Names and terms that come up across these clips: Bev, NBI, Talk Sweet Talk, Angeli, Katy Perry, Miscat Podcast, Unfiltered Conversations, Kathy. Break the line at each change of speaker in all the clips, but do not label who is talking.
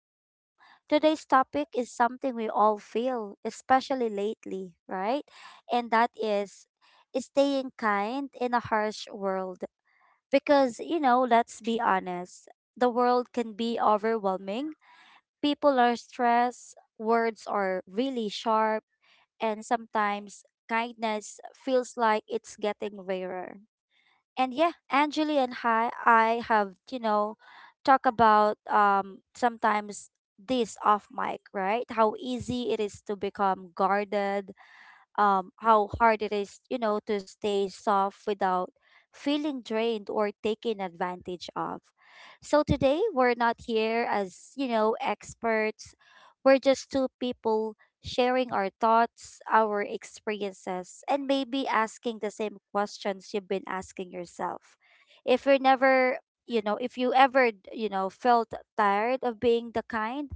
And yeah, today's topic is something we all feel, especially lately, right? And that is staying kind in a harsh world. Because, let's be honest, the world can be overwhelming. People are stressed, words are really sharp, and sometimes kindness feels like it's getting rarer. And yeah, Angeli and hi, I have talk about sometimes this off mic, right? How easy it is to become guarded, how hard it is, to stay soft without feeling drained or taken advantage of. So today we're not here as, experts. We're just two people sharing our thoughts, our experiences, and maybe asking the same questions you've been asking yourself. If you're never, if you ever, felt tired of being the kind,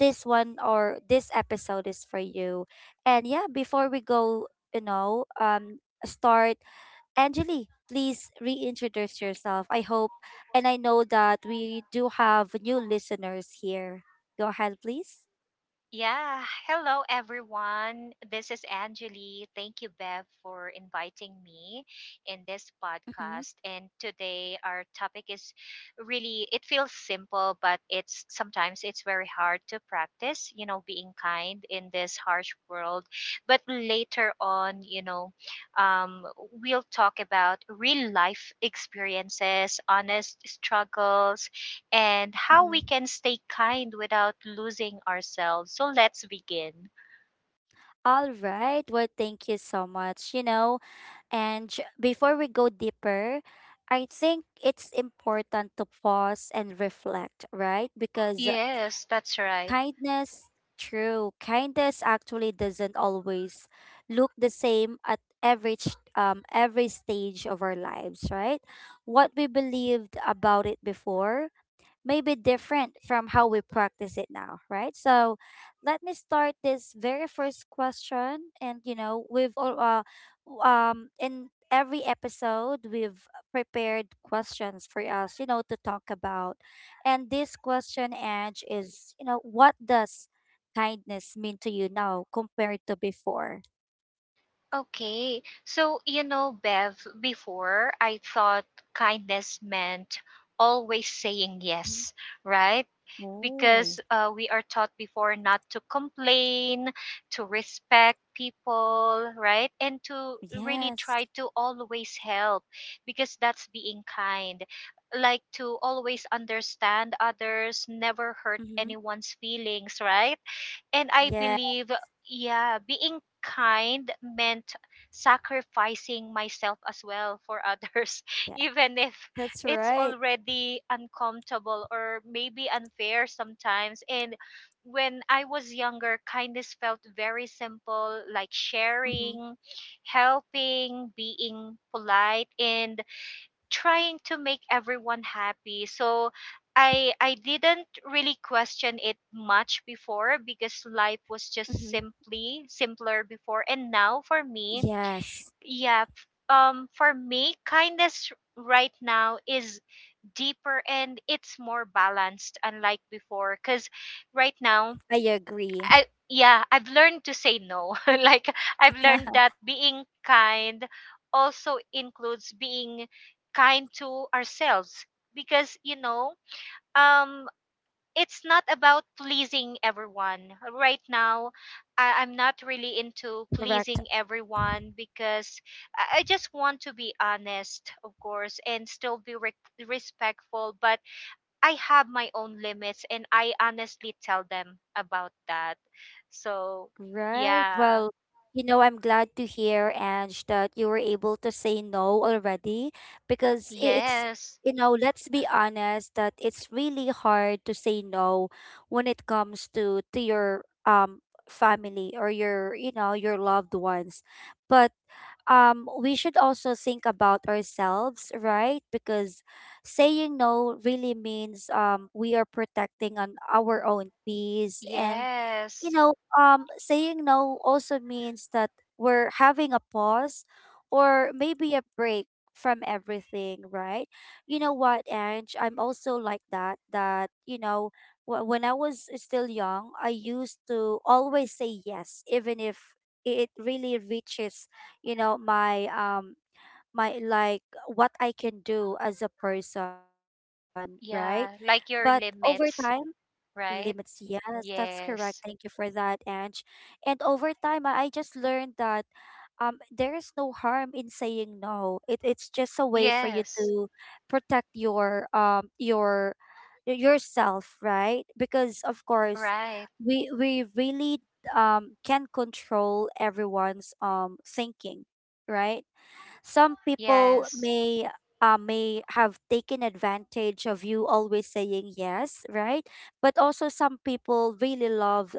this one or this episode is for you. And yeah, before we go, you know, um, start, Angeli, please reintroduce yourself. I hope and I know that we do have new listeners here. Go ahead, please.
Yeah, hello everyone. This is Angeli. Thank you, Bev, for inviting me in this
Mm-hmm.
podcast. And today our topic is really it feels simple, but it's sometimes it's very hard to practice, you know, being kind in this harsh world. But later on, um, we'll talk about real life experiences, honest struggles, and how we
Mm-hmm.
can stay kind without losing ourselves. So let's begin.
All right. Well, thank you so much. And before we go deeper, I think it's important to pause and reflect, right? Because
Yes, that's right.
kindness, true. Kindness actually doesn't always look the same at every every stage of our lives, right? What we believed about it before maybe different from how we practice it now, right? So let me start this very first question. And, we've, all, in every episode, we've prepared questions for us, to talk about. And this question, Edge, is, what does kindness mean to you now compared to before?
Okay. So, you know, Bev, before I thought kindness meant always saying
Mhm.
yes, right?
Oh,
Because we are taught before not to complain, to respect people, right? And to really try
yes.
to always help because that's being kind. Like to always understand others, never hurt
Mm-hmm.
anyone's feelings, right? And I
Yeah.
believe, yeah, being kind meant sacrificing myself as well for others,
Yeah.
even if
That's
it's
right.
already uncomfortable or maybe unfair sometimes. And when I was younger, kindness felt very simple, like
Mm-hmm.
sharing, helping, being polite, and trying to make everyone happy. So I didn't really question it much before because life was
Mm-hmm.
just simply simpler before. And now for me,
Yes.
yeah, for me kindness right now is deeper and it's more balanced unlike before cuz right now
I agree.
I've learned to say no. Like I've learned that being kind also includes being kind to ourselves because um it's not about pleasing everyone. Right now, I'm not really
Correct.
into pleasing everyone because I just want to be honest, of course, and still be respectful. But I have my own limits and I honestly tell them about that. So,
Right.
yeah.
Well, I'm glad to hear, Ange, that you were able to say no already because
Yes.
let's be honest that it's really hard to say no when it comes to your family or your, your loved ones. But we should also think about ourselves, right? Because saying no really means we are protecting on our own peace, and you
Yes.
know saying no also means that we're having a pause or maybe a break from everything, right? You know what, Ange, I'm also like that. When I was still young, I used to always say yes, even if it really reaches my my like what I can do as a person, right? But
Yeah,
over
like your
time.
limits,
Limits,
right?
yes, that's correct.
Yes.
Thank you for that, Ange. And over time, I just learned that, there is no harm in saying no. It's just a way for you
Yes.
to protect yourself, right? Because of course,
Right.
we really can control everyone's thinking, right? Some people
Yes.
may have taken advantage of you always saying yes, right? But also some people really love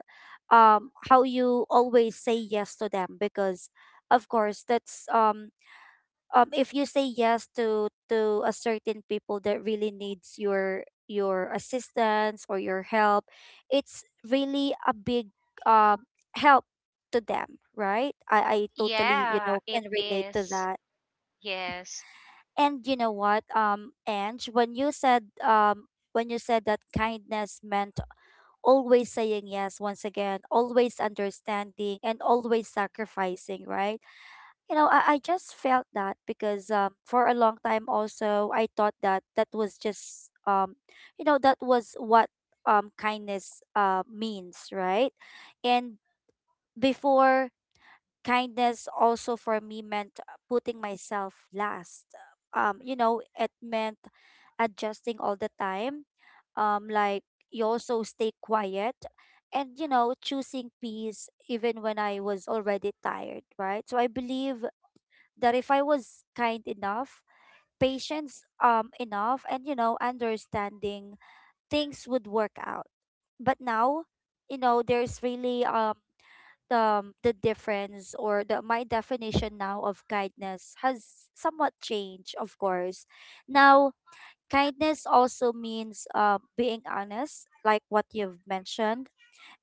how you always say yes to them because of course that's if you say yes to a certain people that really needs your assistance or your help, it's really a big um help to them, right? I totally,
Yeah, it
can relate to
is.
that.
Yes.
And Ange, when you said that kindness meant always saying yes, once again, always understanding and always sacrificing, right? You know, I just felt that because for a long time also I thought that that was just, that was what kindness means, right? And before, kindness also for me meant putting myself last. It meant adjusting all the time. Like you also stay quiet and, choosing peace even when I was already tired, right? So I believe that if I was kind enough, patience enough and, understanding, things would work out. But now, there's really, the difference or the my definition now of kindness has somewhat changed. Of course now kindness also means being honest, like what you've mentioned,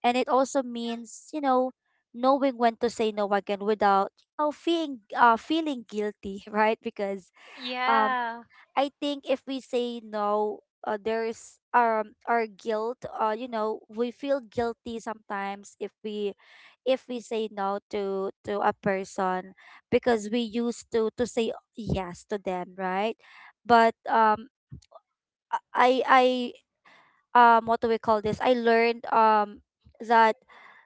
and it also means, knowing when to say no again without, feeling guilty, right? Because um
Yeah.
I think if we say no, there's our guilt. We feel guilty sometimes if we say no to a person because we used to say yes to them, right? But I what do we call this? I learned that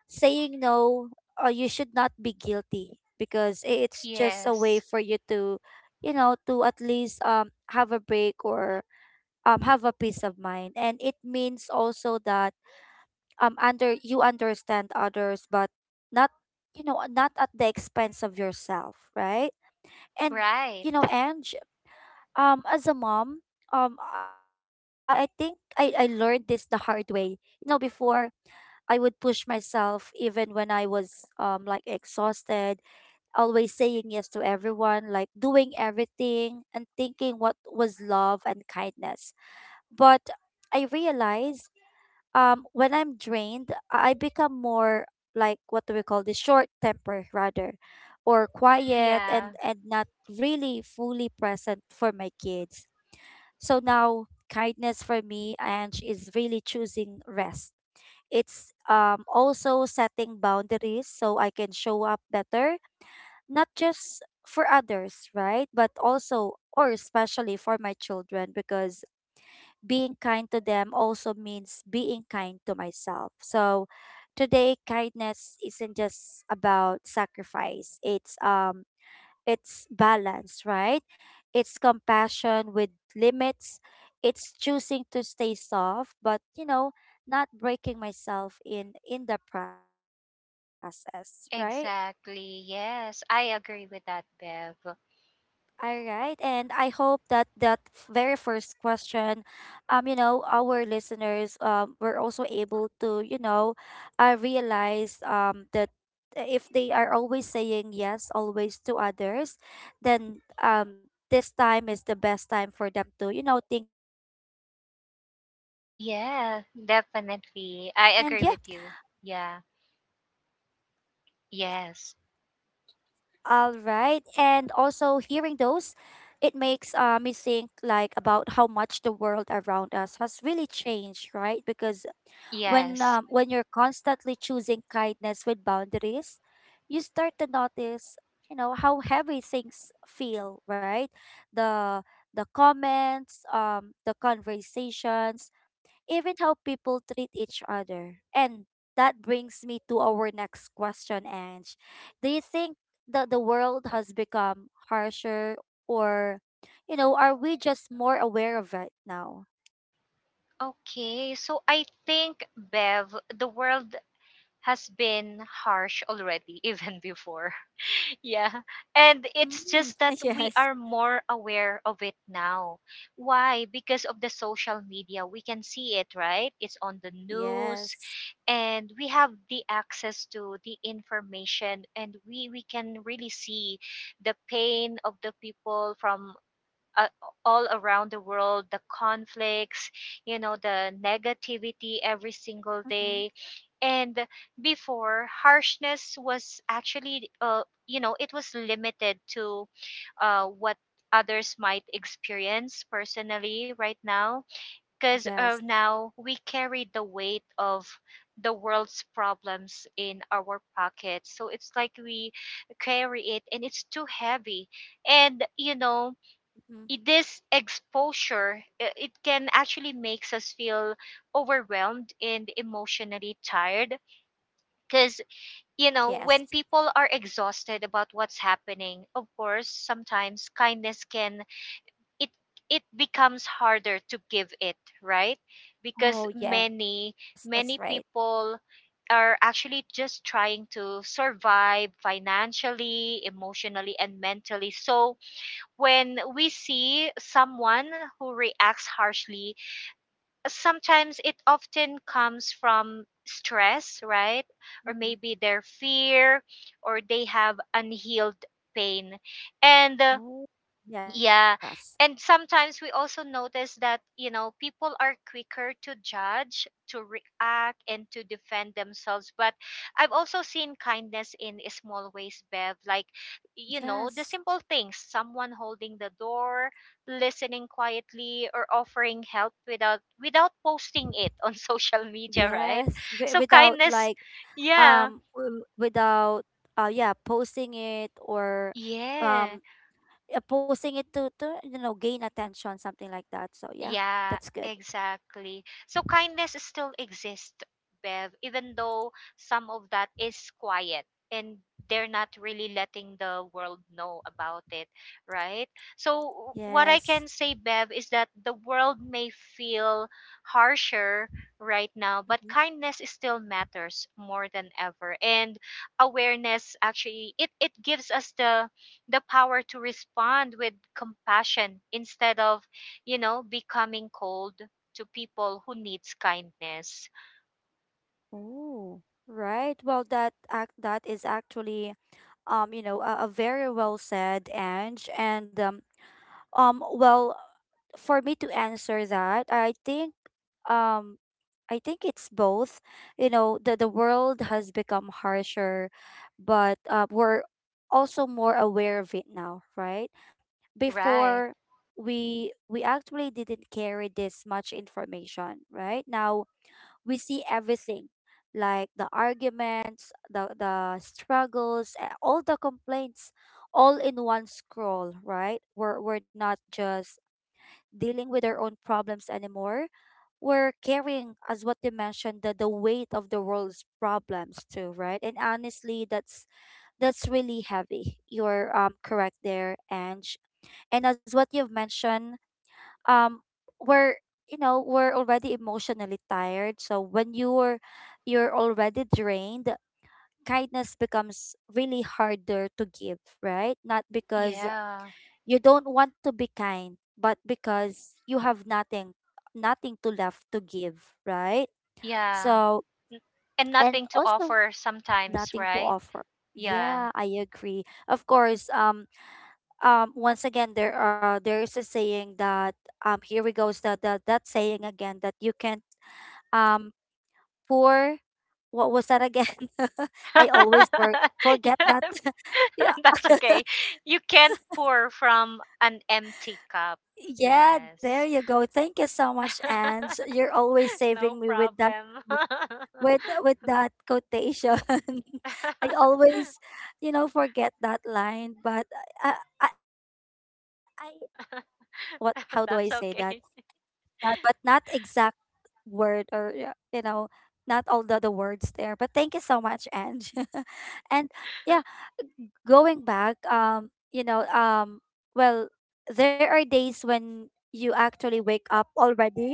saying no, you should not be guilty because it's just a way
Yes.
for you to, to at least have a break or have a peace of mind, and it means also that under you understand others but not, not at the expense of yourself, right? And,
Right.
Ange, as a mom, I think I learned this the hard way. Before, I would push myself even when I was, like, exhausted, always saying yes to everyone, like doing everything and thinking what was love and kindness. But I realized when I'm drained, I become more, like, what do we call this, short temper rather, or quiet, and
Yeah.
not really fully present for my kids. So now kindness for me and is really choosing rest. It's also setting boundaries so I can show up better, not just for others, right? But also or especially for my children, because being kind to them also means being kind to myself. So today kindness isn't just about sacrifice. It's balance, right? It's compassion with limits. It's choosing to stay soft, but, not breaking myself in the process, right?
Exactly. Yes, I agree with that, Bev.
All right, and I hope that very first question, our listeners were also able to, realize that if they are always saying yes always to others, then this time is the best time for them to, think about themselves, right?
Yeah, definitely. I agree with
And
you.
yeah,
Yeah. Yes.
all right. And also hearing those, it makes me think like about how much the world around us has really changed, right? Because when
Yes.
um, when you're constantly choosing kindness with boundaries, you start to notice, how heavy things feel, right? The the comments, the conversations, even how people treat each other. And that brings me to our next question, Ange. Do you think that the world has become harsher, or, are we just more aware of it now?
Okay. So I think, Bev, the world has been harsh already, even before. Yeah. And it's
Mm,
just that we
yes.
are more aware of it now. Why? Because of the social media. We can see it, right? It's on the news
Yes.
and we have the access to the information and we can really see the pain of the people from uh, all around the world, the conflicts, you know, the negativity every single
Mm-hmm.
day. And before harshness was actually, you know, it was limited to what others might experience personally. Right now, because
Yes.
now we carry the weight of the world's problems in our pockets, so it's like we carry it and it's too heavy. And, you know,
Mm-hmm.
this exposure, it can actually makes us feel overwhelmed and emotionally tired, because, you know,
Yes.
when people are exhausted about what's happening, of course, sometimes kindness can it it becomes harder to give it, right?
Oh,
Because
yes. That's
many
right.
many people are actually just trying to survive financially, emotionally, and mentally. So when we see someone who reacts harshly, sometimes it often comes from stress, right? Or
Mm-hmm.
maybe their fear, or they have unhealed pain. And
Oh, yes.
yeah. And sometimes we also notice that, you know, people are quicker to judge, to react, and to defend themselves. But I've also seen kindness in small ways, Bev, like, you know, the
Yes.
simple things, someone holding the door, listening quietly, or offering help without posting it on social media, right?
Yes.
So
Without,
kindness,
like,
yeah.
without yeah, posting it, or
Yeah.
um posting it to gain attention, something like that. So yeah,
Yeah,
that's good.
exactly. So kindness still exists, Bev, even though some of that is quiet and they're not really letting the world know about it, right? So, what I
Yes.
can say, Bev, is that the world may feel harsher right now, but
Hmm.
kindness is still matters more than ever. And awareness actually it gives us the power to respond with compassion instead of, you know, becoming cold to people who needs kindness.
Oh. Right. Well, that is actually, a very well said, Ange. And, um well for me to answer that, um. I think it's both. You know, the world has become harsher, but, we're also more aware of it now, right?
Right.
Before, we actually didn't carry this much information, right? Now we see everything, like the arguments, the struggles, all the complaints, all in one scroll, right? We're not just dealing with our own problems anymore. We're carrying, as what you mentioned, the weight of the world's problems too, right? And honestly, that's really heavy. You're correct there, Ange. And as what you've mentioned, um, we're you know we're already emotionally tired. So when you're already drained, kindness becomes really harder to give, right? Not because
Yeah.
you don't want to be kind, but because you have nothing, nothing to left to give, right?
Yeah.
So,
N- And
and
nothing to
also
offer sometimes,
nothing to
right?
offer.
Yeah.
Yeah, I agree. Of course, once again, there is a saying that, here we goes the, that saying again, that you can um pour, what was that again? I always
yeah.
forget that. yeah.
That's okay. You can't pour from an empty cup.
Yeah, there
Yes.
you go. Thank you so much, Ange. You're always saving
No
me
problem.
with that quotation. I always, forget that line, but, I, I what, how do I say that?
That's okay.
That but not exact word or yeah, not all the words there. But thank you so much, Ange. And yeah, going back, well, there are days when you actually wake up already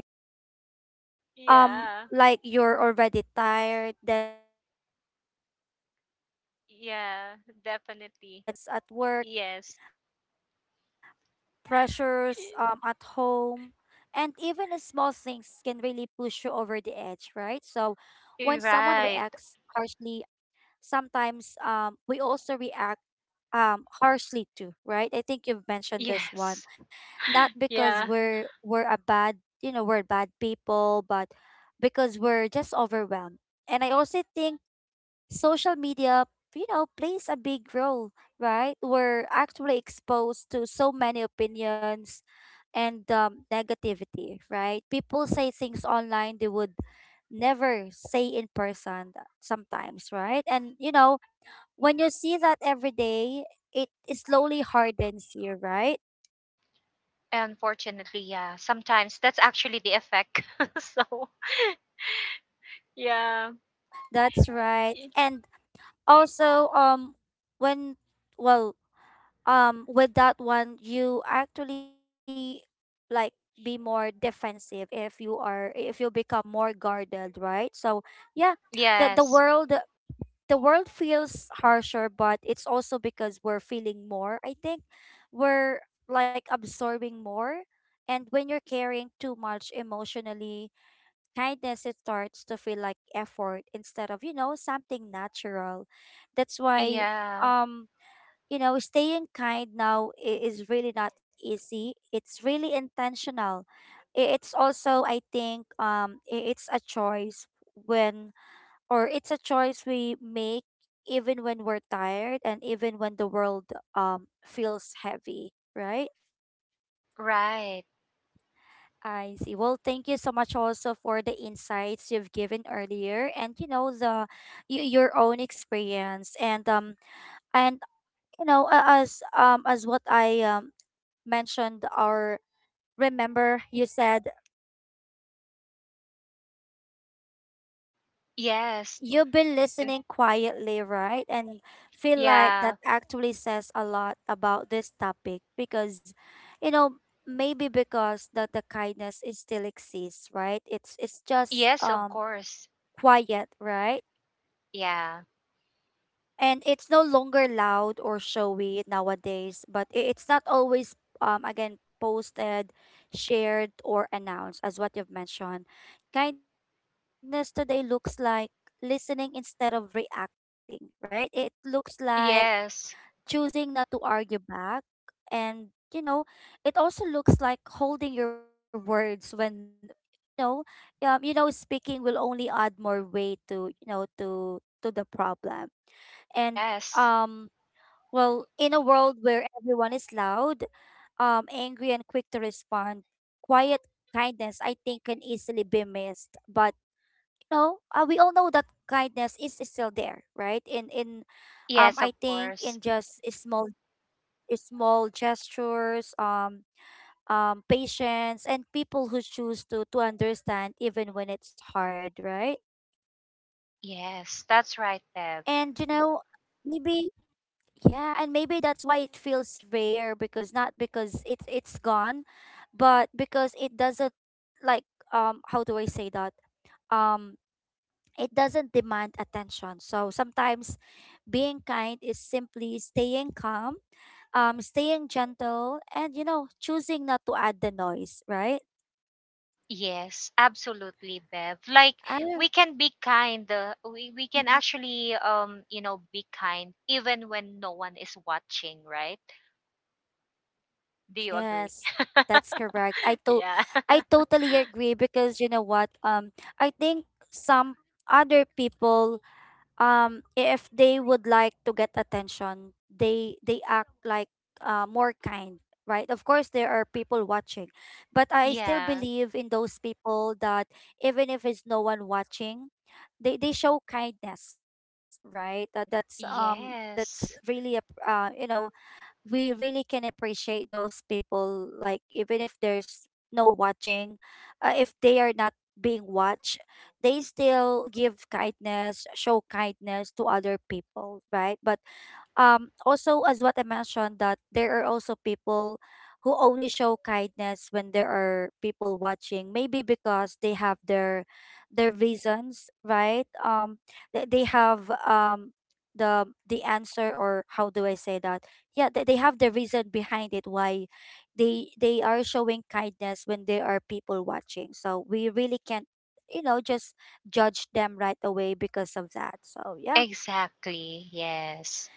Yeah.
like you're already tired, then you see those
Yeah,
bad news
definitely.
or stress at
Yes.
work, pressures at home. And even the small things can really push you over the edge, right? So when someone
Right.
reacts harshly, sometimes we also react harshly too, right? I think you've mentioned this one,
Yes.
not because
Yeah.
we're a bad, we're bad people, but because we're just overwhelmed. And I also think social media, plays a big role, right? We're actually exposed to so many opinions and negativity, right? People say things online they would never say in person sometimes, right? And when you see that every day, it slowly hardens you, right?
Unfortunately, yeah. Sometimes that's actually the effect. So, yeah.
That's right.
Y-
And also, when well with that one, you actually, like, be more defensive. If you are, if you become more guarded, right? So yeah, the
yes.
world, the world feels harsher, but it's also because we're feeling more. I think we're, like, absorbing more. And when you're carrying too much emotionally, kindness, it starts to feel like effort instead of, something natural. That's why,
Yeah.
um staying kind now is really not easy. It's really intentional. It's also, I think, it's a choice when, or it's a choice we make even when we're tired and even when the world feels heavy, right?
Right.
I see. Well, thank you so much also for the insights you've given earlier, and the your own experience, and um, and as what I mentioned, or remember, you said
Yes.
you've been
and-
listening quietly, right? And feel like
Yeah.
that actually says a lot about this topic because, you know, maybe because that the kindness is still exists, right? It's just
Yes, of
um,
course.
quiet, right?
Yeah.
And it's no longer loud or showy nowadays, but it's not always again posted, shared, or announced as what you've mentioned. Kindness today looks like listening instead of reacting, right? It looks like
Yes.
choosing not to argue back, and it also looks like holding your words when, you know speaking will only add more weight to, to the problem. And
Yes.
um, well, in a world where everyone is loud, angry, and quick to respond, quiet kindness, I think, can easily be missed. But we all know that kindness is still there, right? In
Yes, of
I think,
course.
in just small, small gestures, patience, and people who choose to understand even when it's hard, right?
Yes. That's right, Bev.
And you know, maybe, yeah, and maybe that's why it feels rare, because not because it's gone, but because it doesn't, like, um, how do I say that? Um, it doesn't demand attention. So sometimes being kind is simply staying calm, staying gentle, and, you know, choosing not to add the noise, right?
Yes, absolutely, Bev. Like
I don't.
we can be kind. We can
Mhm.
actually, you know, be kind even when no one is watching, right? Do you agree?
Yes. That's correct.
yeah.
I totally agree, because you know what? Um, I think some other people, um, if they would like to get attention, they act like, more kind, right? Of course, there are people watching, but I still
Yeah.
believe in those people that even if it's no one watching, they show kindness, right? Uh, that's um, that's
Yes.
really a, you know, we really can appreciate those people, like even if there's no watching, if they are not being watched, they still give kindness, show kindness to other people, right? But um, also as what I mentioned, that there are also people who only show kindness when there are people watching, maybe because they have their reasons, right? Um, they have um, the answer, or how do I say that? Yeah, they have the reason behind it why they are showing kindness when there are people watching, so we really can't, you know, just judge them right away because of that. So yeah.
Exactly. Yes.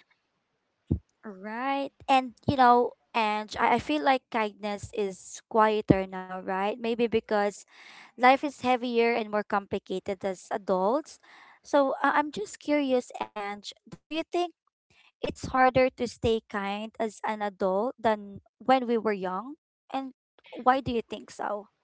Right. And you know, and I feel like kindness is quieter now, right? Maybe because life is heavier and more complicated as adults. So I'm just curious, Ange, do you think it's harder to stay kind as an adult than when we were young? And why do you think so?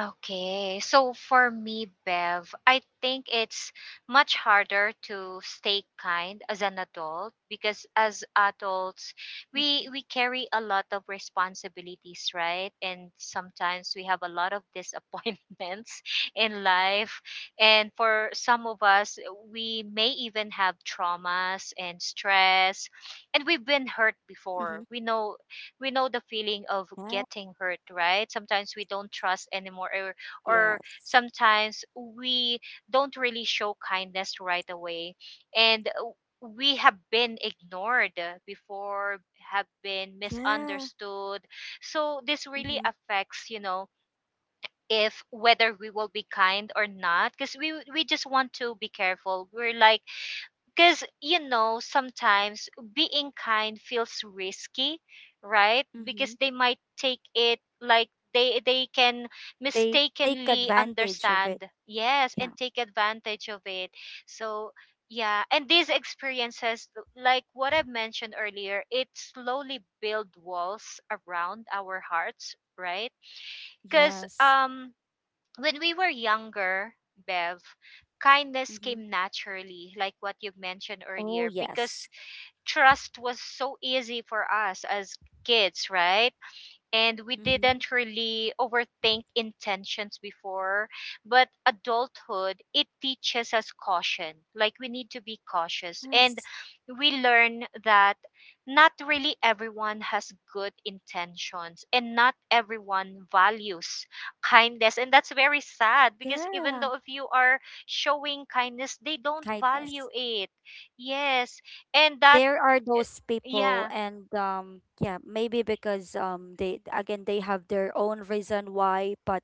Okay, so for me, Bev, I think it's much harder to stay kind as an adult because as adults, we
Mm-hmm.
we carry a lot of responsibilities, right? And sometimes we have a lot of disappointments in life. And for some of us, we may even have traumas and stress, and we've been hurt before.
Mm-hmm.
We know the feeling of
Yeah.
getting hurt, right? Sometimes we don't trust anymore, or
Yes.
sometimes we don't really show kindness right away. And we have been ignored before, have been
Yeah.
misunderstood. So this really
Mm-hmm.
affects, you know, if whether we will be kind or not, because we just want to be careful. We're like, because, you know, sometimes being kind feels risky, right?
Mm-hmm.
Because they might take it like they can
They take
mistakenly
advantage of it.
understand. Yes,
Yeah.
and take advantage of it. So, yeah, and these experiences, like what I've mentioned earlier, it slowly build walls around our hearts, right? Because
Yes.
when we were younger, Bev, kindness came naturally, like what you mentioned
Oh,
earlier, because
yes.
trust was so easy for us as kids, right? And we
Hmm.
didn't really overthink intentions before. But adulthood, it teaches us caution. Like we need to be cautious, and
Yes.
we learn that not really everyone has good intentions and not everyone values kindness. And that's very sad because even
Yeah.
though if you are showing kindness they don't value
Kindness.
it. Yes. And that
There are
eh,
those people,
yeah.
and um, yeah, maybe because um, they again, they have their own reason why, but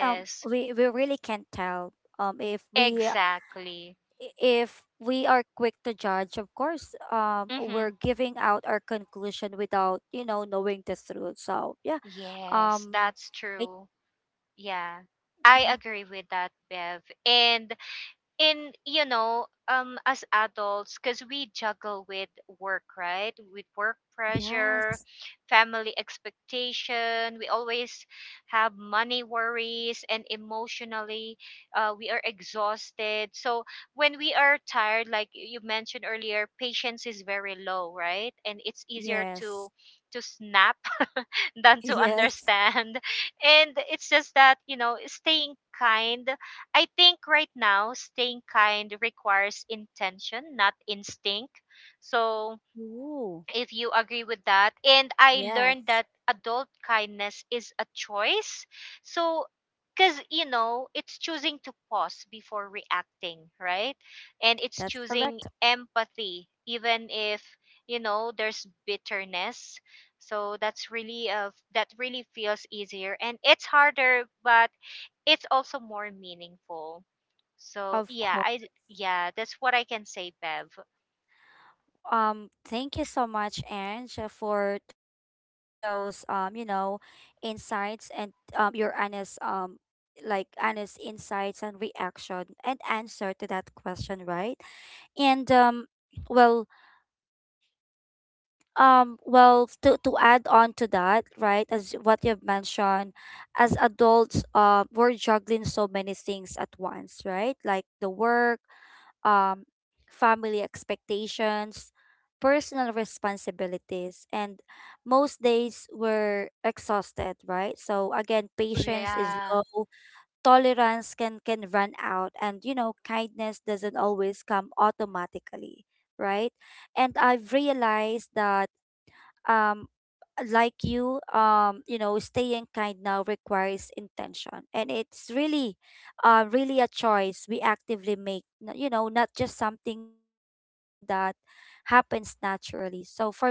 um, we really can't tell. Um, if we,
exactly.
if we are quick to judge, of course, um,
Mm-hmm.
we're giving out our conclusion without, you know, knowing the truth. So, yeah.
Yes,
Um
that's
I
true. Yeah. I
Mhm.
agree with that, Bev. And in, you know, as adults cuz we juggle with work, right? With work pressure,
Yes.
family expectation, we always have money worries and emotionally we are exhausted. So when we are tired like you mentioned earlier, patience is very low, right? And it's easier
Yes.
to snap than to
Yes.
understand. And it's just that, you know, staying kind. I think right now, staying kind requires intention, not instinct. So,
Ooh.
if you agree with that. And I
Yes,
learned that adult kindness is a choice. So, because, you know, it's choosing to pause before reacting, right? And it's
that's
choosing
correct.
empathy, even if, you know, there's bitterness. So that's really that really feels easier and it's harder, but it's also more meaningful. So
Of
yeah,
course.
that's what I can say, Bev.
Thank you so much, Ange, for those you know, insights, and um, your honest um, like honest insights and reaction and answer to that question, right? And um, well, um, well, to add on to that, right, as what you've mentioned, as adults, we're juggling so many things at once, right? Like the work um, family expectations, personal responsibilities, and most days were exhausted, right? So again, patience is
Yeah.
low, tolerance can run out, and you know, kindness doesn't always come automatically, right? And I've realized that um, like you um, you know, staying kind now requires intention, and it's really uh, really a choice we actively make, you know, not just something that happens naturally. So for me, as a mom,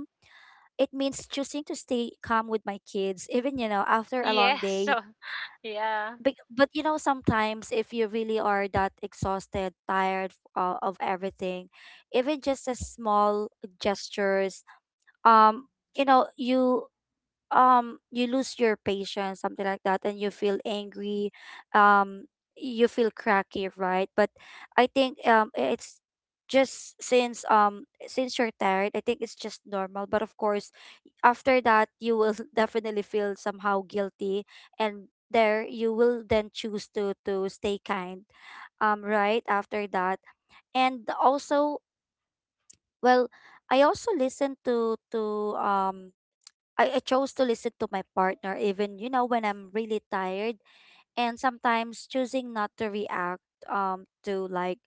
it means choosing to stay calm with my kids even, you know, after a long
Yes.
day.
So. Yeah,
But you know, sometimes if you really are that exhausted, tired of everything, even just a small gestures um, you know, you um, you lose your patience, something like that, and you feel angry, um, you feel cracky, right? But I think um, it's just since um, since you're tired, I think it's just normal. But of course, after that you will definitely feel somehow guilty, and there you will then choose to stay kind um, right after that. And also, well, I also listen to um, I chose to listen to my partner even, you know, when I'm really tired, and sometimes choosing not to react um, to, like,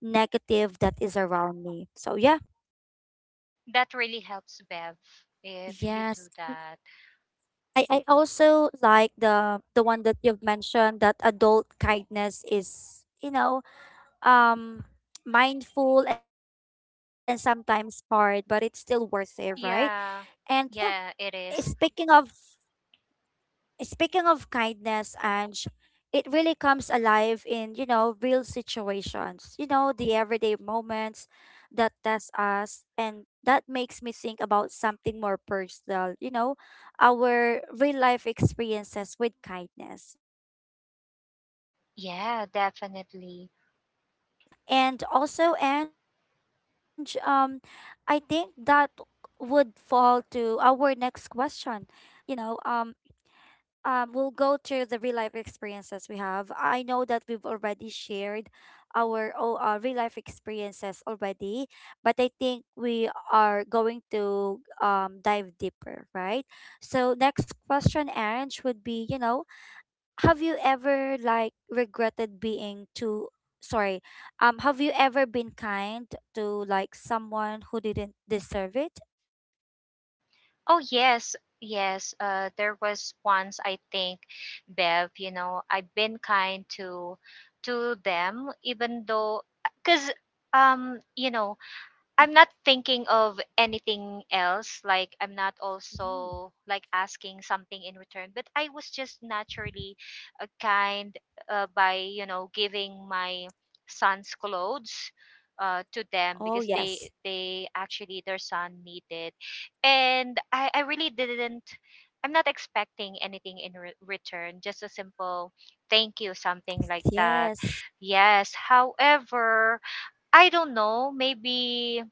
negative that is around me. So yeah.
that really helps, Bev, if you do
Yes.
that.
I also like the one that you've mentioned, that adult kindness is, you know, um, mindful and sometimes hard, but it's still worth it, right? And
Yeah,
yeah, eh,
yeah, it is.
speaking of kindness, and it really comes alive in, you know, real situations, you know, the everyday moments that test us. And that makes me think about something more personal, you know, our real life experiences with kindness, right?
Yeah, definitely.
And also, and um, I think that would fall to our next question, you know, um, we'll go to the real life experiences we have. I know that we've already shared our real life experiences already, but I think we are going to dive deeper, right? So next question, Ange, would be, you know, have you ever, like, regretted being too, sorry, um, have you ever been kind to, like, someone who didn't deserve it?
Oh, yes, yes. There was once, I think, Bev, you know, I've been kind to them, even though, because, you know, I'm not thinking of anything else. Like I'm not
Mhm.
also like asking something in return, but I was just naturally kind by, you know, giving my son's clothes to
Oh,
them because
yes,
they actually their son needed, and I really didn't. I'm not expecting anything in return. Just a simple thank you, something like that.
yes.
Yes. However, I don't know, maybe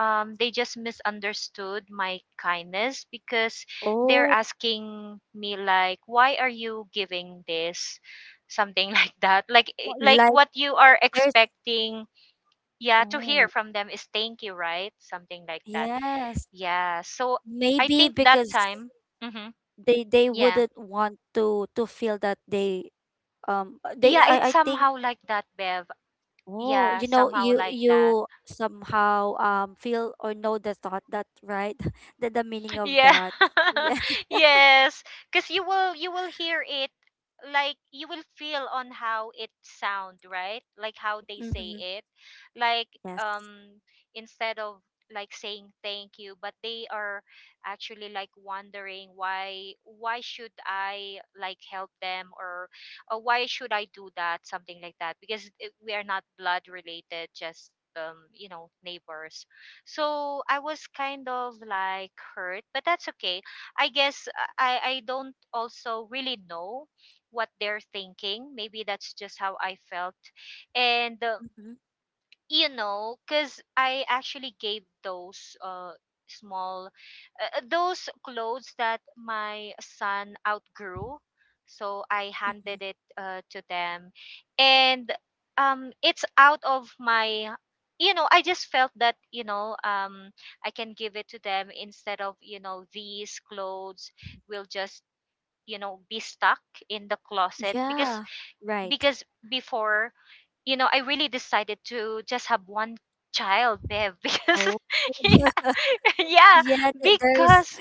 they just misunderstood my kindness because they're
Oh.
asking me like, why are you giving this? Something like that. Like like
Like.
what you are
There's.
expecting, yeah, to hear
Oh,
from them is thank you, right? Something like that.
yes.
Yeah. So I
Maybe
think that
because
time, hmm
they
yeah,
wouldn't want to feel that they um, they,
yeah, it's
I think.
somehow like that, Bev.
Oh,
Yeah,
you know,
somehow
you
like that,
you somehow feel or know the thought that, right? The meaning of
yeah.
that. Yeah.
Yes, because you will hear it. Like you will feel on how it sound, right? Like how they say
Mm-hmm.
it, like,
Yes.
um instead of like saying thank you, but they are actually like wondering, why should I like help them, or why should I do that, something like that, because it, we are not blood related, just, you know, neighbors. So I was kind of like hurt, but that's okay. I guess I don't also really know what they're thinking. Maybe that's just how I felt. And
Mm-hmm.
you know, because I actually gave those small, those clothes that my son outgrew, so I
Mm-hmm.
handed it to them. And it's out of my, you know, I just felt that, you know, I can give it to them instead of, you know, these clothes will just, you know, be stuck in the closet
Yeah.
because
Right.
because before, you know, I really decided to just have one child, Bev, because
Oh.
yeah,
Yeah, there's.
because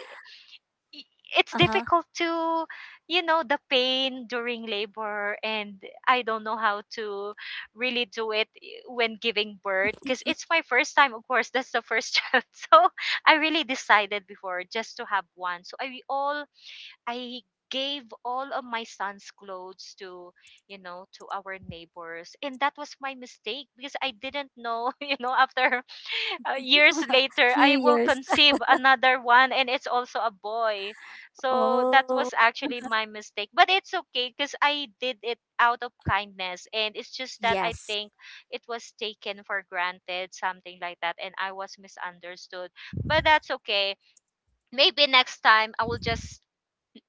i- it's
Uh-huh.
difficult to, you know, the pain during labor, and I don't know how to really do it, when giving birth because it's my first time, of course, that's the first child. So I really decided before just to have one. So I gave all of my son's clothes to you know to our neighbors, and that was my mistake because I didn't know after years later
Few
I will
years.
conceive another one, and it's also a boy. So that
Oh,
was actually my mistake, but it's okay because I did it out of kindness, and it's just that I
yes.
think it was taken for granted, something like that, and I was misunderstood. But that's okay. Maybe next time I will just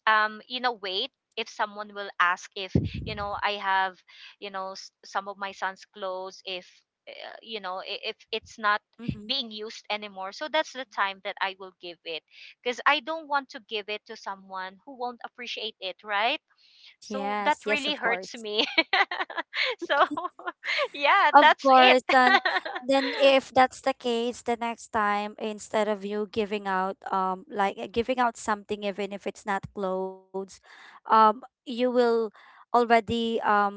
wait if someone will ask if I have some of my son's clothes, if if it's not
Hmm.
being used anymore, so that's the time that I will give it, because I don't want to give it to someone who won't appreciate it, right? So
Yes,
that
yes, of
really hurts
course.
me. So yeah,
Of
that's it.
course. And then if that's the case, the next time, instead of you giving out um, like, giving out something even if it's not clothes, um, you will already um,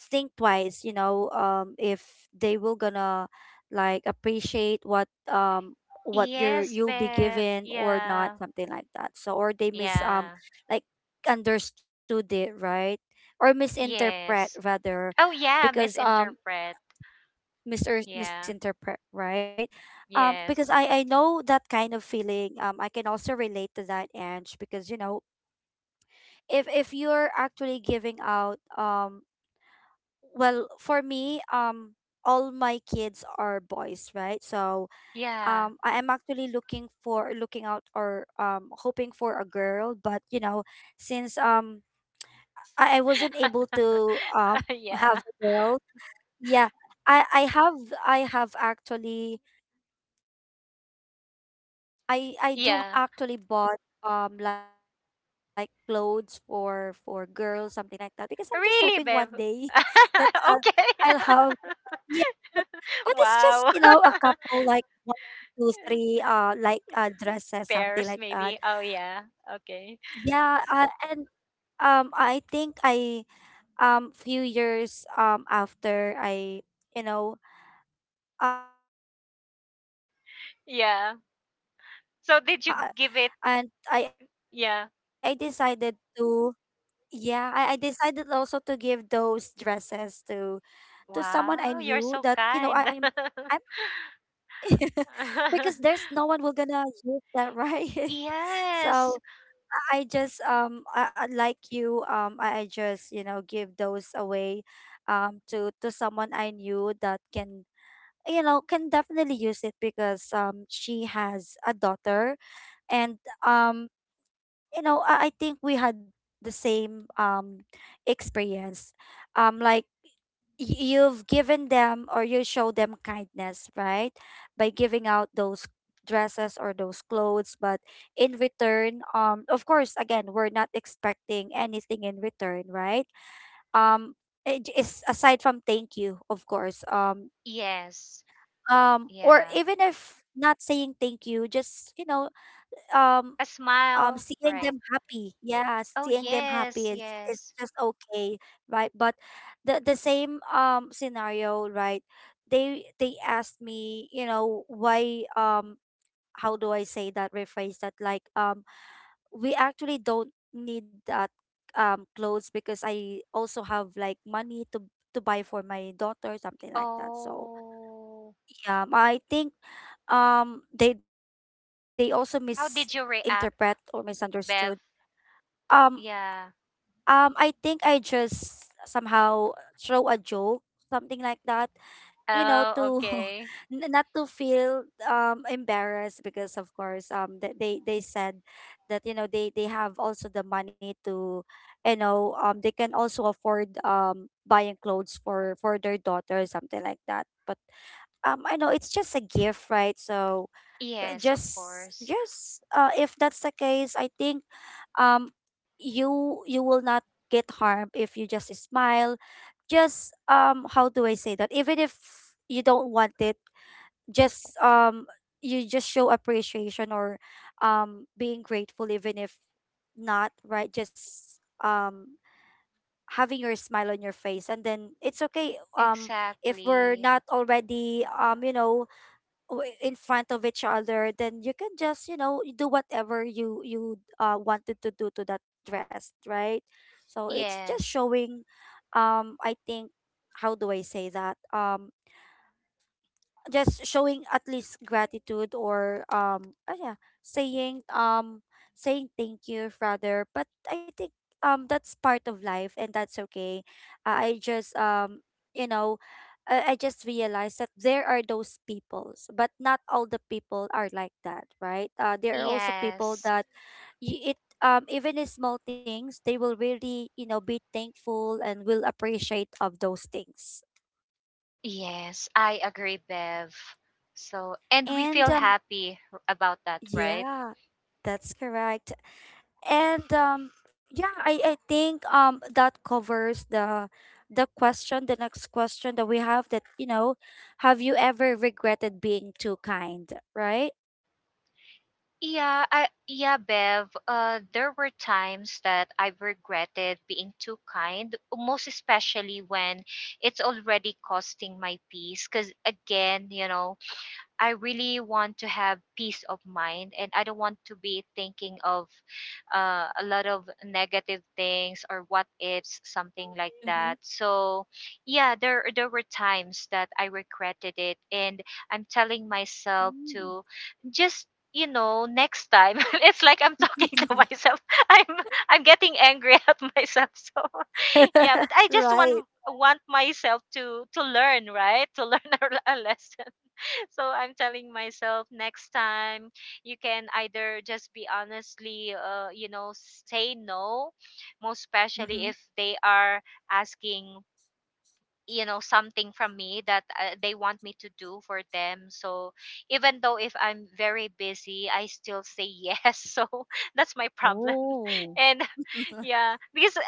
think twice, you know, um, if they will gonna, like, appreciate what um, what you're,
Yes,
you'll be
babe.
given or not,
Yeah,
something like that. So, or they mis um,
yeah.
like, understood it, right? Or misinterpret
Yes.
rather,
Oh, yeah,
because um,
misinterpret.
mis or
Yeah.
misinterpret, right? Because
Yes.
I know that kind of feeling. I can also relate to that, Ange, because you know, if you're actually giving out, well, for me, all my kids are boys, right? So,
Yeah.
I am actually looking for, looking out, or um, hoping for a girl, but you know, since um, I wasn't able to um,
Yeah.
have a girl, yeah. I I have I have actually I do
Yeah.
actually bought like clothes for girls something like that because I'm just hoping one day
Really, babe.
that I'll, I'll have
Okay.
yeah but, but it's just you know a
Wow.
couple, like one two three, like dresses something like
Pears,
that.
maybe. Oh, yeah. Okay.
Yeah and I think I few years after I, you know, I had two boys already and
Yeah.
then the last one is still a
So, did you
boy,
give it?
so uh, and
Yeah.
I, I decided to yeah I decided also to give those dresses to someone I
Wow. You're
knew that,
so
you know, I
kind.
I'm I'm because there's no one will gonna use that, right?
Yes.
so I just I- like you I just, you know, give those away to someone I knew that can, you know, can definitely use it because she has a daughter. And um you know, I think we had the same experience. Um, like you've given them or you show them kindness, right? By giving out those dresses or those clothes, but in return, of course, again, we're not expecting anything in return, right? Um, it is aside from thank you, of course.
Yes.
Or
Yeah.
even if not saying thank you, just, you know, um
A smile.
seeing
Right.
them happy, yeah,
Oh,
seeing them happy
yes.
is
Yes.
just okay, right? But the same scenario, right? They asked me, you know, why how do I say that rephrase that like we actually don't need that clothes because I also have like money to buy for my daughter, something like that. So
Oh.
yeah, I think they also
How
misinterpret
did you
or
react,
misunderstood.
Bev?
um
Yeah.
I think I just somehow throw a joke, something like that, you know,
Oh,
to
okay.
not to feel embarrassed because of course they said that, you know, they have also the money to, you know, they can also afford buying clothes for their daughter, something like that. But I know it's just a gift, right? So
Yes, of course.
just if that's the case, I think um you will not get harmed if you just smile. Just how do I say that Even if you don't want it, just you just show appreciation or being grateful, even if not, right? just um Having your smile on your face and then it's okay. If we're
Exactly.
not already, you know, in front of each other, then you can just, you know, do whatever you wanted to do to that dress, right? So it's just
Yes,
showing, I think how do I say that just showing at least gratitude or yeah, saying, saying thank you rather. But I think that's part of life and that's okay. I just You know, I just realized that there are those peoples, but not all the people are like that, right? There are also people
yes,
that y- it even in small things, they will really, you know, be thankful and will appreciate of those things.
yes. I agree, Bev. So, and we
And
feel happy, about that, right?
Yeah, that's correct. And yeah, I think that covers the question, the next question that we have, that, you know, have you ever regretted being too kind, right?
Yeah, I yeah, Bev. There were times that I've regretted being too kind, most especially when it's already costing my peace. Because again, I really want to have peace of mind, and I don't want to be thinking of a lot of negative things or what ifs, something like that.
Hmm.
So yeah, there were times that I regretted it, and I'm telling myself
Mm.
to just next time. It's like I'm talking to myself. i'm I'm getting angry at myself. So yeah, but I just want
Right.
want myself to learn, right? To learn a lesson. So I'm telling myself next time, you can either just be honestly, say no, most
Hmm.
especially if they are asking something from me that they want me to do for them. So even though if I'm very busy, I still say yes. So that's my problem.
Oh.
And yeah, because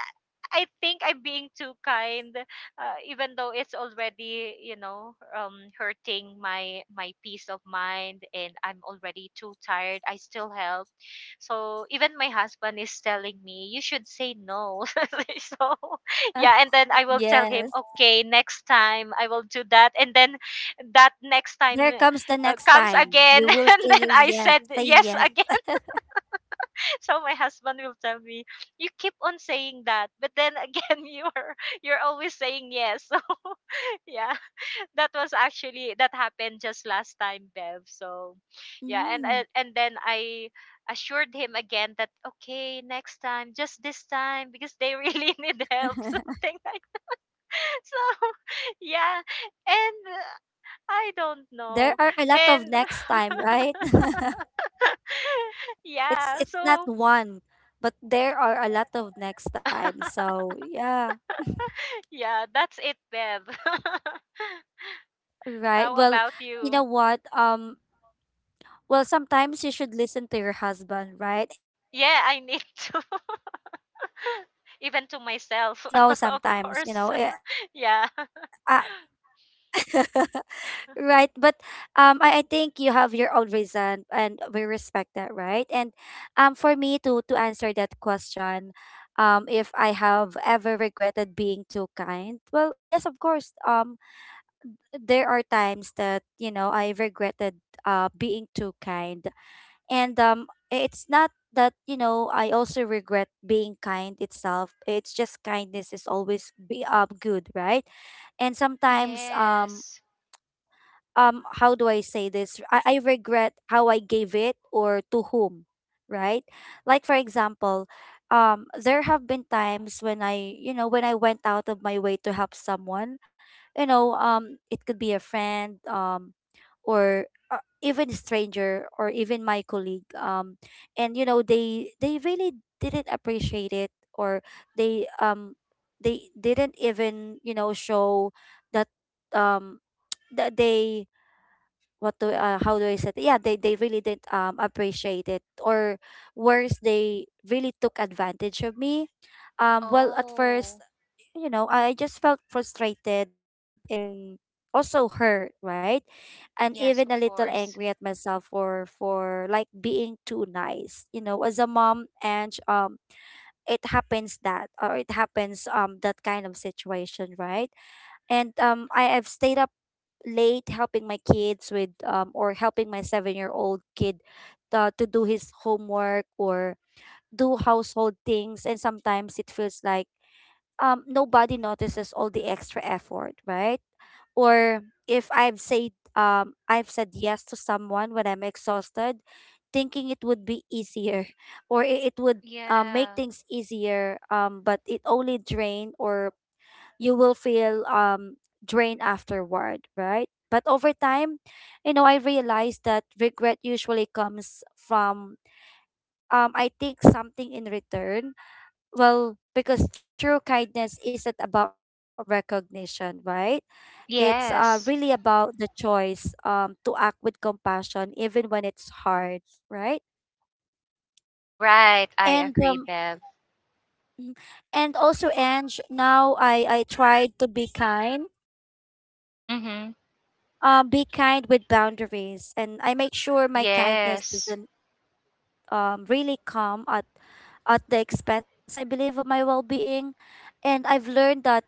I think I'm being too kind, even though it's already, hurting my peace of mind, and I'm already too tired. I still help. So even my husband is telling me you should say no. So yeah, and then I will tell
Yes.
him, okay, next time I will do that, and then that next time
There comes the next
comes
time.
again,
You will
and
say
then
the
I
yes,
said
say
yes
yes.
again. So my husband will tell me, "You keep on saying that, but then again, you're always saying yes." So yeah, that was actually that happened just last time, Bev. So yeah, and
Mm.
then I assured him again that okay, next time, just this time, because they really need help, something like that. So yeah, and I
There are
don't
a lot
know,
of next
and
time, right? It's
yeah,
it's not
so.
one, but there are a lot of next time. So yeah,
Yeah, that's it, Deb.
right.
How
Well,
about
you
you?
know what? Well, sometimes you should listen to your husband, right?
Yeah,
And
I need to.
just
Even to myself,
saying
of
no
course.
sometimes, you know. Eh,
Yeah.
ah, right. But I think you have your own reason, and we respect that, right? And for me to answer that question, if I have ever regretted being too kind? Well, yes, of course. There are times that, you know, I regretted being too kind. And it's not that, you know, I also regret being kind itself. It's just kindness is always be good, right? And sometimes
Yes.
how do I say this? I regret how I gave it or to whom, right? Like, for example, there have been times when I, you know, when I went out of my way to help someone, you know, it could be a friend, or even stranger or even my colleague. And you know they really didn't appreciate it, or they um they didn't even, you know, show that, um th- they what do how do I say it? Yeah, they really didn't appreciate it, or worse, they really took advantage of me. Well, at first,
Oh,
you know, I just felt frustrated and also hurt, right? And
yes,
even a
of
little
course.
angry at myself for like being too nice, you know, as a mom. And it happens that, or it happens that kind of situation, right? And I have stayed up late helping my kids with, or helping my 7-year-old kid, to do his homework or do household things. And sometimes it feels like nobody notices all the extra effort, right? Or if I've said yes to someone when I'm exhausted, thinking it would be easier or it would, make
Yeah.
things easier, but it only drained, or you will feel drained afterward, right? But over time, you know, I realized that regret usually comes from I think something in return. Well, because true kindness isn't about recognition, right? It's really
Yes.
about the choice to act with compassion even when it's hard, right?
Right. I
And
agree, Bev.
mm, and also Ange, now I tried to be kind.
Mm-hmm.
Be kind with boundaries, and I make sure my
Yes.
kindness doesn't really come at the expense, I believe, of my well being. And I've learned that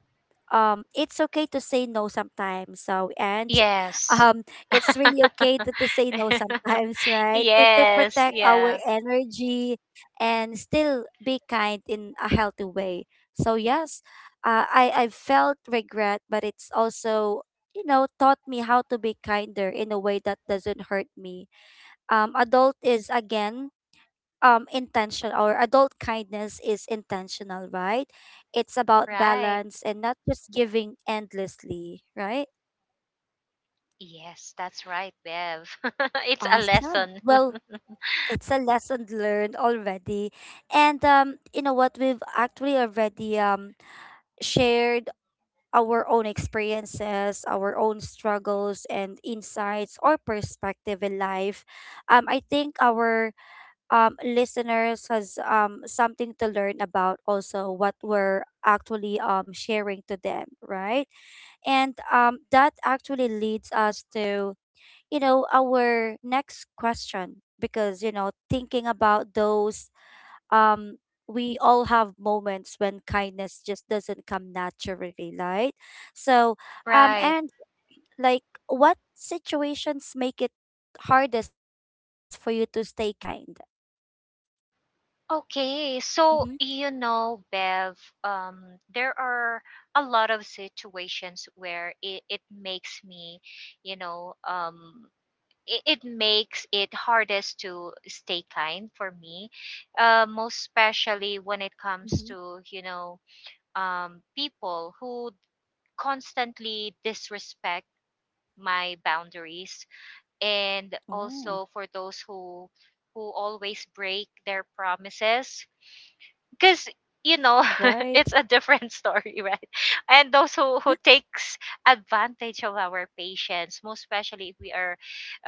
it's okay to say no sometimes, so. And
Yes.
um it's really okay to say no sometimes right to
Yes,
protect our
yeah.
energy and still be kind in a healthy way. So yes, I felt regret, but it's also, you know, taught me how to be kinder in a way that doesn't hurt me. um adult is again Adult kindness is intentional, right? It's about
Right.
balance and not just giving endlessly, right?
Yes, that's right, Bev. It's a
Awesome.
lesson.
Well, it's a lesson learned already. And you know what, we've actually already shared our own experiences, our own struggles and insights or perspective in life. I think our listeners has something to learn about also what we're actually sharing to them, right? And that actually leads us to, you know, our next question because, you know, thinking about those, um, we all have moments when kindness just doesn't come naturally, right? So,
Right.
and like, what situations make it hardest for you to stay kind?
Okay,
Mm-hmm.
so you know, Bev, there are a lot of situations where it makes me, you know, um, it makes it hardest to stay kind for me, most especially when it comes to, people who constantly disrespect my boundaries, and
Mm-hmm.
also for those who always break their promises, because you know
Right?
it's a different story, right? And those who takes advantage of our patience, most especially if we are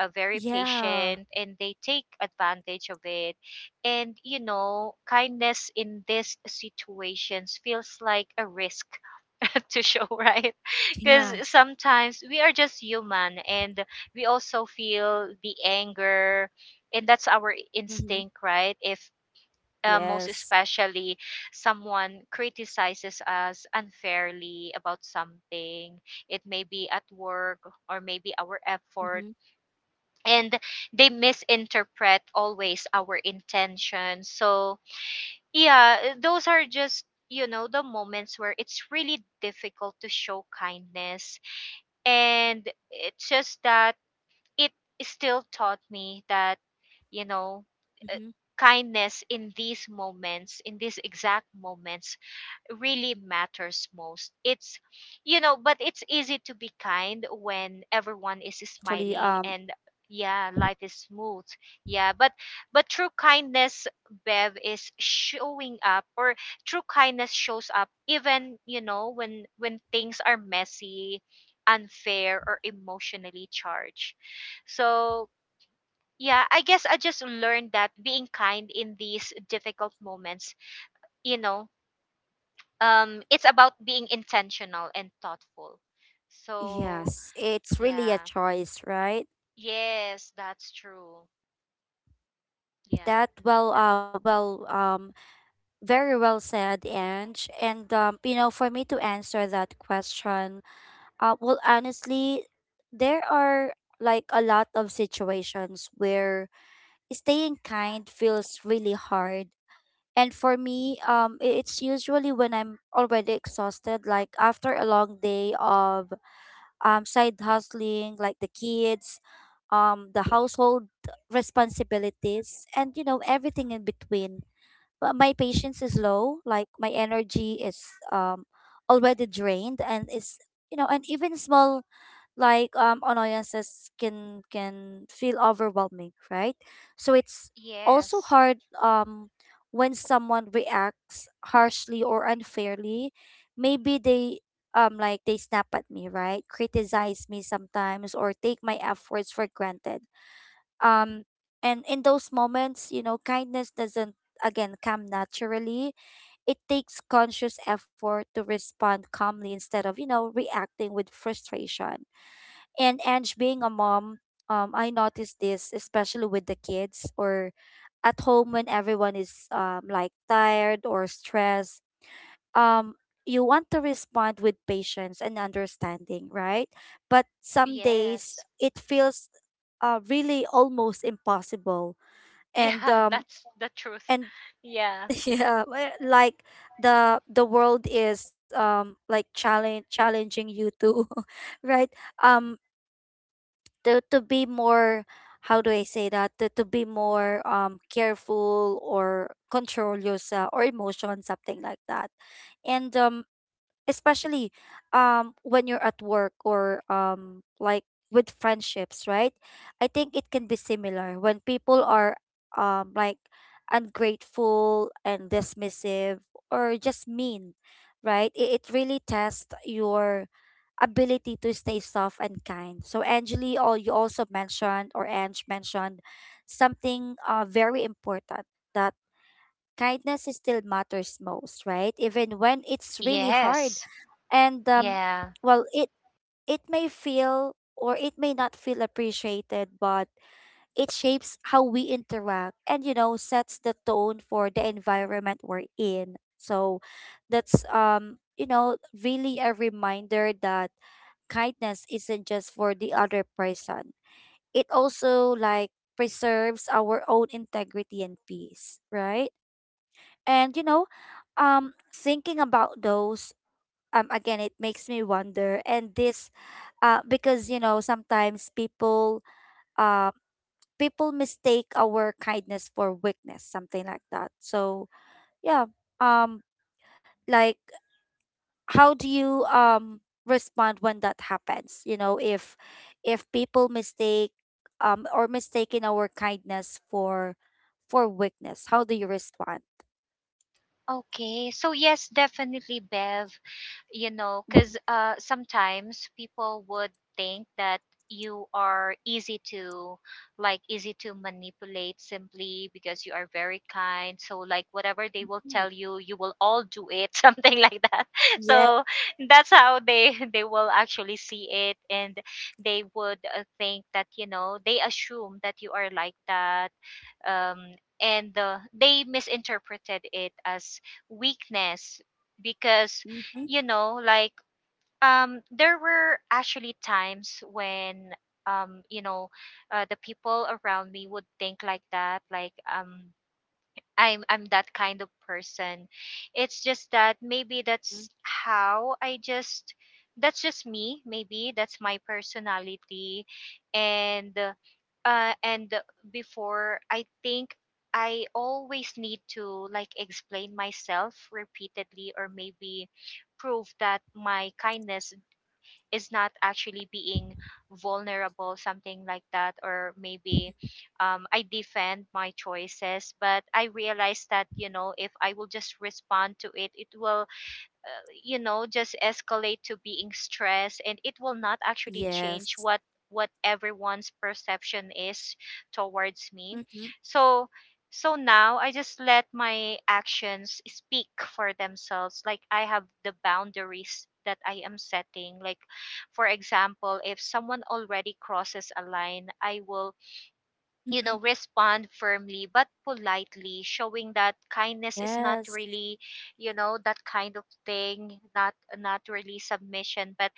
very patient and they take advantage of it. And you know, kindness in these situations feels like a risk to show, right? Because
Yeah.
sometimes we are just human, and we also feel the anger, and that's our instinct,
Mm-hmm.
right? If most
Yes.
especially someone criticizes us unfairly about something, it may be at work, or maybe our effort,
Mm-hmm.
and they misinterpret always our intention. So yeah, those are just the moments where it's really difficult to show kindness, and it's just that it still taught me that you know uh,
Mm-hmm.
kindness in these moments, in these exact moments, really matters most. It's you know But it's easy to be kind
Yes.
when everyone is
That is
smiling
actually
and yeah, life is smooth, yeah, but true kindness, Bev, is showing up, or true kindness shows up even when things are messy, unfair, or emotionally charged. So yeah, I guess I just learned that being kind in these difficult moments, you know, it's about being intentional and thoughtful. So
yes, it's
yeah,
really a choice, right?
yes, that's true. Yeah,
That well
ha-
well Very well said, Ange. And you know, for me to answer that question, well, honestly, there are like a lot of situations where staying kind feels really hard. And for me, it's usually when I'm already exhausted, like after a long day of side hustling, like the kids, the household responsibilities, and you know, everything in between. But my patience is low, like my energy is already drained, and is, you know, and even small, like annoyances can feel overwhelming, right? So it's also
yes,
hard um when someone reacts harshly or unfairly. Maybe they, like, they snap at me, right, criticize me sometimes or take my efforts for granted. um and in those moments, you know, kindness doesn't again come naturally. It takes conscious effort to respond calmly instead of, you know, reacting with frustration. And Ange, being a mom, I noticed this especially with the kids or at home when everyone is, like, tired or stressed. Um, you want to respond with patience and understanding, right? But some days
yes,
it feels, really almost impossible, and
yeah,
um,
that's the truth.
and
Yeah,
yeah, like the world is, like, challenge challenging you to, right? Um, to be more, how do I say that to be more careful or control yourself or emotion, something like that. And especially when you're at work or, like, with friendships, right? I think it can be similar when people are, like, ungrateful and dismissive, or just mean, right? It really tests your ability to stay soft and kind. So Angeli, all you also mentioned, or Ange mentioned something very important, that kindness is still matters most, right? Even when it's really hard.
yes,
and um,
yeah.
well it it may feel or it may not feel appreciated, but it shapes how we interact and sets the tone for the environment we're in. So that's really a reminder that kindness isn't just for the other person. It also preserves our own integrity and peace, right? And thinking about those, again, it makes me wonder. And this because sometimes people, uh people mistake our kindness for weakness, something like that. So yeah, um like how do you respond when that happens? You know, if people mistake, or mistaken our kindness for weakness, how do you respond?
Okay, so yes, definitely, Bev. You know,
Mhm.
because sometimes people would think that you are easy to, like, easy to manipulate simply because you are very kind. So, like, whatever they will
Mm,
tell you, you will all do it, something like that.
yeah.
So that's how they will actually see it, and they would think that they assume that you are like that, um, and they misinterpreted it as weakness, because you know like there were actually times when um, you know the people around me would think like that, like I'm that kind of person. It's just that maybe that's how I just that's just me. Maybe that's my personality. And uh, and before, I think I always need to like explain myself repeatedly, or maybe prove that my kindness is not actually being vulnerable, something like that, or maybe I defend my choices. But I realized that, you know, if I will just respond to it, it will just escalate to being stressed, and it will not actually change
Yes.
what everyone's perception is towards me.
Mm-hmm.
So now I just let my actions speak for themselves. Like, I have the boundaries that I am setting. Like, for example, if someone already crosses a line, I will
Mm-hmm.
respond firmly but politely, showing that kindness is not
Yes.
really that kind of thing, not really submission, but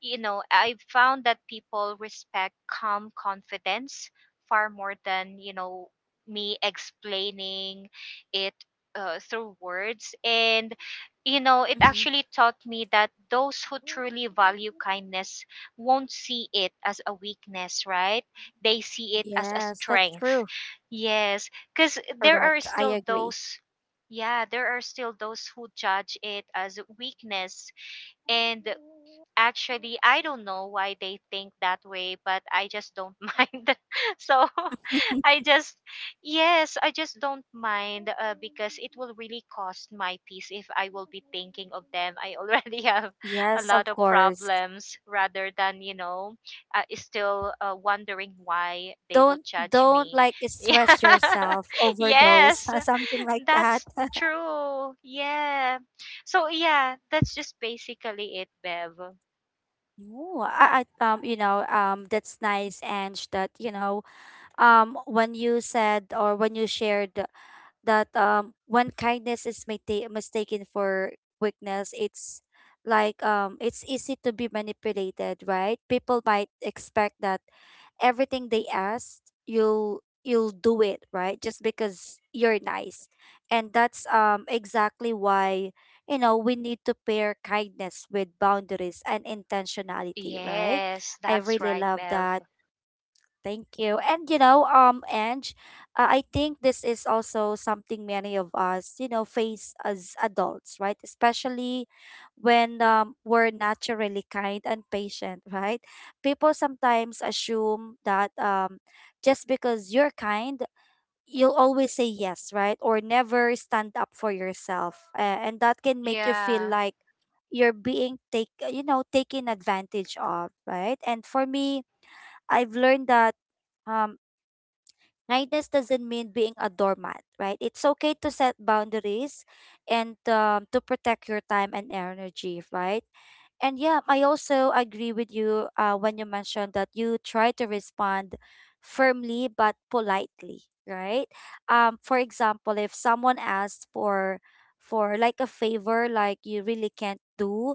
you know, I've found that people respect calm confidence far more than, you know, me explaining it through words.
Mm-hmm.
And, it actually taught me that those who truly value kindness won't see it as a weakness, right? They see it as a
Yes, that's
strength.
true.
Yes, because there are
Correct. I
still
agree.
those. Yeah, there are still those who judge it as weakness. And actually, I don't know why they think that way, but I just don't mind. So I just, yes, I just don't mind, because it will really cost my peace if I will be thinking of them. I already have a
Yes,
lot
of
of
course.
problems, rather than, still wondering why they would
Don't
judge
don't
me.
like stress yourself,
Yeah,
overdose,
yes,
something like that.
that's true. Yeah. So, yeah, that's just basically it, Bev.
Oh, I, that's nice, Ange. That when you said or when you shared that when kindness is mistaken for weakness, it's easy to be manipulated, right? People might expect that everything they ask, you'll do it, right? Just because you're nice. And that's exactly why, we need to pair kindness with boundaries and intentionality, right?
Yes,
I
that's
really
right,
love
Bev.
that. Thank you. And you know, Ange, I think this is also something many of us, you know, face as adults, right? Especially when we're naturally kind and patient, right? People sometimes assume that just because you're kind, you'll always say yes, right? Or never stand up for yourself. And that can make you feel
Yeah.
like you're being taken advantage of, right? And for me, I've learned that um kindness doesn't mean being a doormat, right? It's okay to set boundaries and to protect your time and energy, right? And yeah, I also agree with you when you mentioned that you try to respond firmly but politely, right? For example, if someone asks for like a favor, like you really can't do,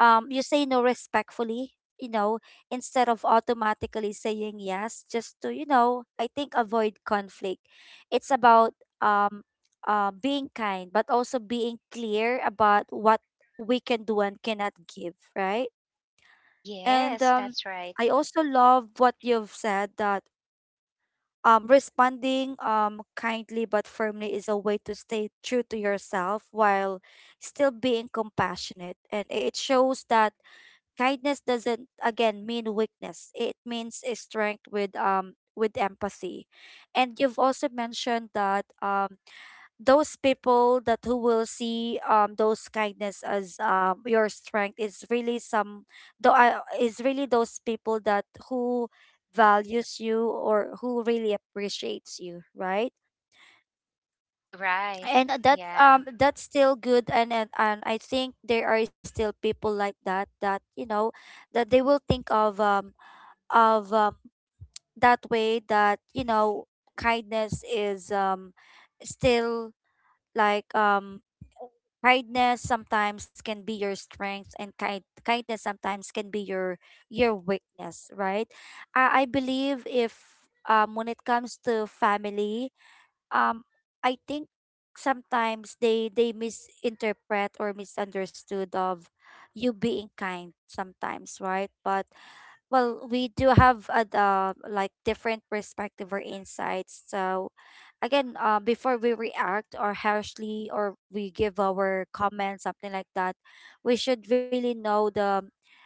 you say no respectfully. You know, instead of automatically saying yes, just to, you know, I think, avoid conflict. It's about um, being kind, but also being clear about what we can do and cannot give, right? And
Yes, that's right.
I also love what you've said, that responding kindly but firmly is a way to stay true to yourself while still being compassionate. And it shows that kindness doesn't, again, mean weakness. It means a strength with empathy. And you've also mentioned that those people that who will see those kindness as your strength is really some though I is really those people that who values you or who really appreciates you, right?
You're right.
And
Yeah.
that's still good. And I think there are still people like that, that you know, that they will think of of um, that way, that you know kindness is still like um kindness sometimes can be your strength, and kindness sometimes can be your weakness, right? I believe if when it comes to family, um I think sometimes they misinterpret or misunderstood of you being kind sometimes, right? But well, we do have a like different perspective or insights. So again, before we react or harshly or we give our comments, something like that, we should really know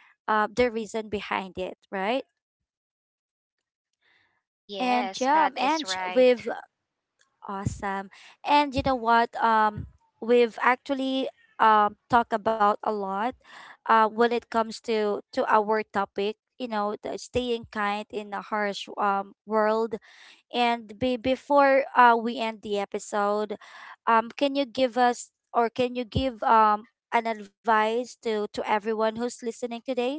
the reason behind it, right? And
Yes,
yeah,
that is
and
right.
we've awesome. And you know what, we've actually talked about a lot, when it comes to our topic, you know, the staying kind in a harsh world. And be before we end the episode, can you give us or can you give an advice to everyone who's listening today?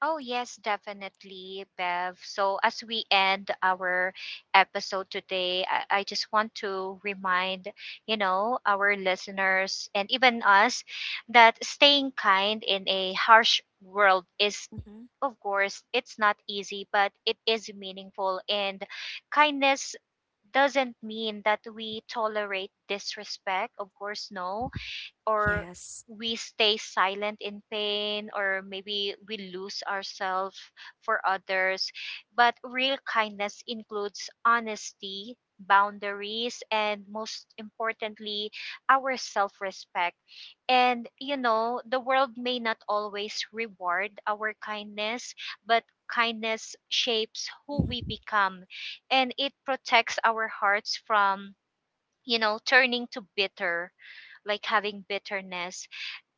Oh, yes, definitely, Bev. So, as we end our episode today, I just want to remind, you know, our listeners and even us that staying kind in a harsh world is,
Mm-hmm.
of course, it's not easy, but it is meaningful. And kindness doesn't mean that we tolerate disrespect. Of course, no, or
Yes.
we stay silent in pain, or maybe we lose ourselves for others, but real kindness includes honesty, boundaries, and most importantly, our self-respect. And you know, the world may not always reward our kindness, but kindness
Hmm.
shapes who we become, and it protects our hearts from, you know, turning to bitter, like having bitterness.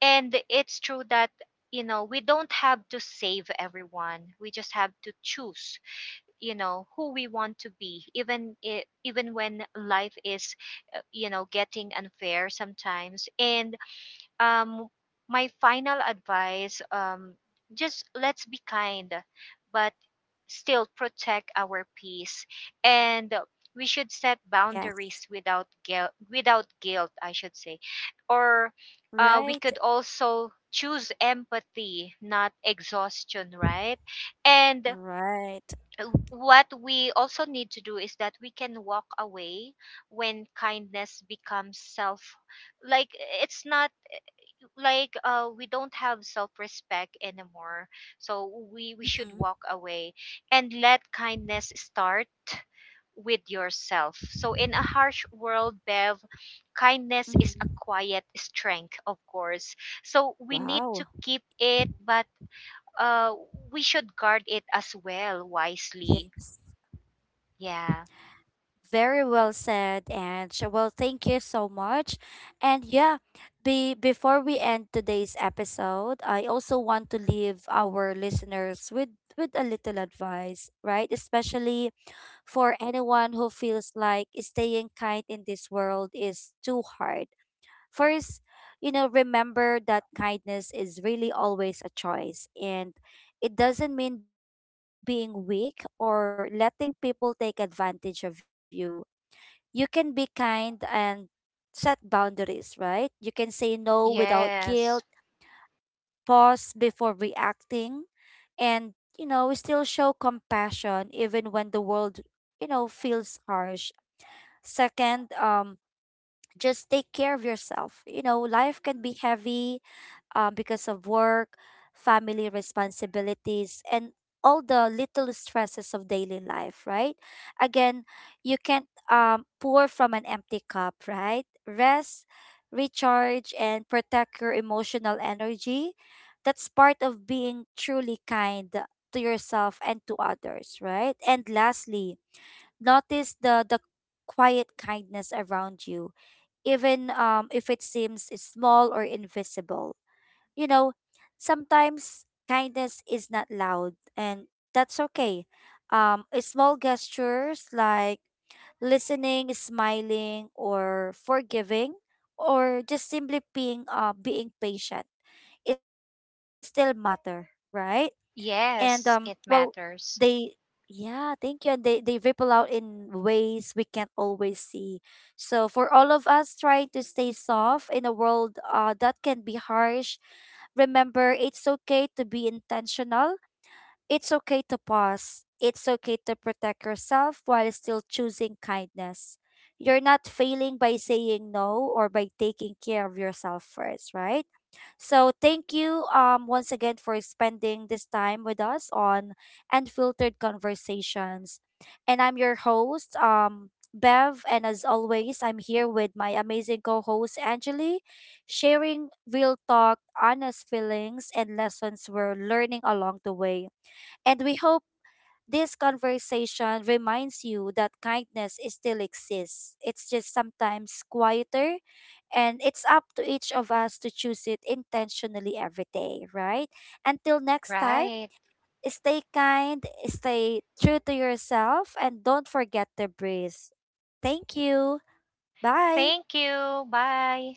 And it's true that, you know, we don't have to save everyone. We just have to choose, who we want to be, even even when life is, getting unfair sometimes. And um, my final advice, just let's be kind, but still protect our peace, and we should
Yes.
set boundaries without guilt. Without guilt, I should say. Or we
Right.
could also choose empathy, not exhaustion, right? And
Right.
uh, what we also need to do is that we can walk away when kindness becomes self, like it's not like we don't have self-respect anymore. So we should
Mm-hmm.
walk away, and let kindness start with yourself. So in a harsh world, Bev, kindness is a
Mm-hmm.
quiet strength, of course. So we need to
Wow.
keep it, but uh we should guard it as well, wisely.
Yes.
Yeah.
Very well said, Ange. Well, thank you so much. And yeah, be before we end today's episode, I also want to leave our listeners with a little advice, right? Especially for anyone who feels like staying kind in this world is too hard. First, you know, remember that kindness is really always a choice, and it doesn't mean being weak or letting people take advantage of you. You can be kind and set boundaries, right? You can say no without guilt,
Yes.
pause before reacting, and you know, still show compassion even when the world, you know, feels harsh. Second, just take care of yourself. You know, life can be heavy because of work, family responsibilities, and all the little stresses of daily life, right? Again, you can't pour from an empty cup, right? Rest, recharge, and protect your emotional energy. That's part of being truly kind to yourself and to others, right? And lastly, notice the quiet kindness around you, even if it seems small or invisible. You know, sometimes kindness is not loud, and that's okay. Small gestures like listening, smiling, or forgiving, or just simply being being patient, it still matter, right? And
Yes, it
well,
matters.
they yeah, thank you. And they ripple out in ways we can't always see. So for all of us trying to stay soft in a world that can be harsh, remember, it's okay to be intentional, it's okay to pause. It's okay to protect yourself while still choosing kindness. You're not failing by saying no or by taking care of yourself first, right? So thank you once again for spending this time with us on Unfiltered Conversations. And I'm your host, Bev, and as always, I'm here with my amazing co-host Angeli, sharing real talk, honest feelings, and lessons we're learning along the way. And we hope this conversation reminds you that kindness is- still exists. It's just sometimes quieter, and it's up to each of us to choose it intentionally every day, right? Until next time,
Right.
stay kind, stay true to yourself, and don't forget to breathe. Thank you. Bye.
Thank you. Bye.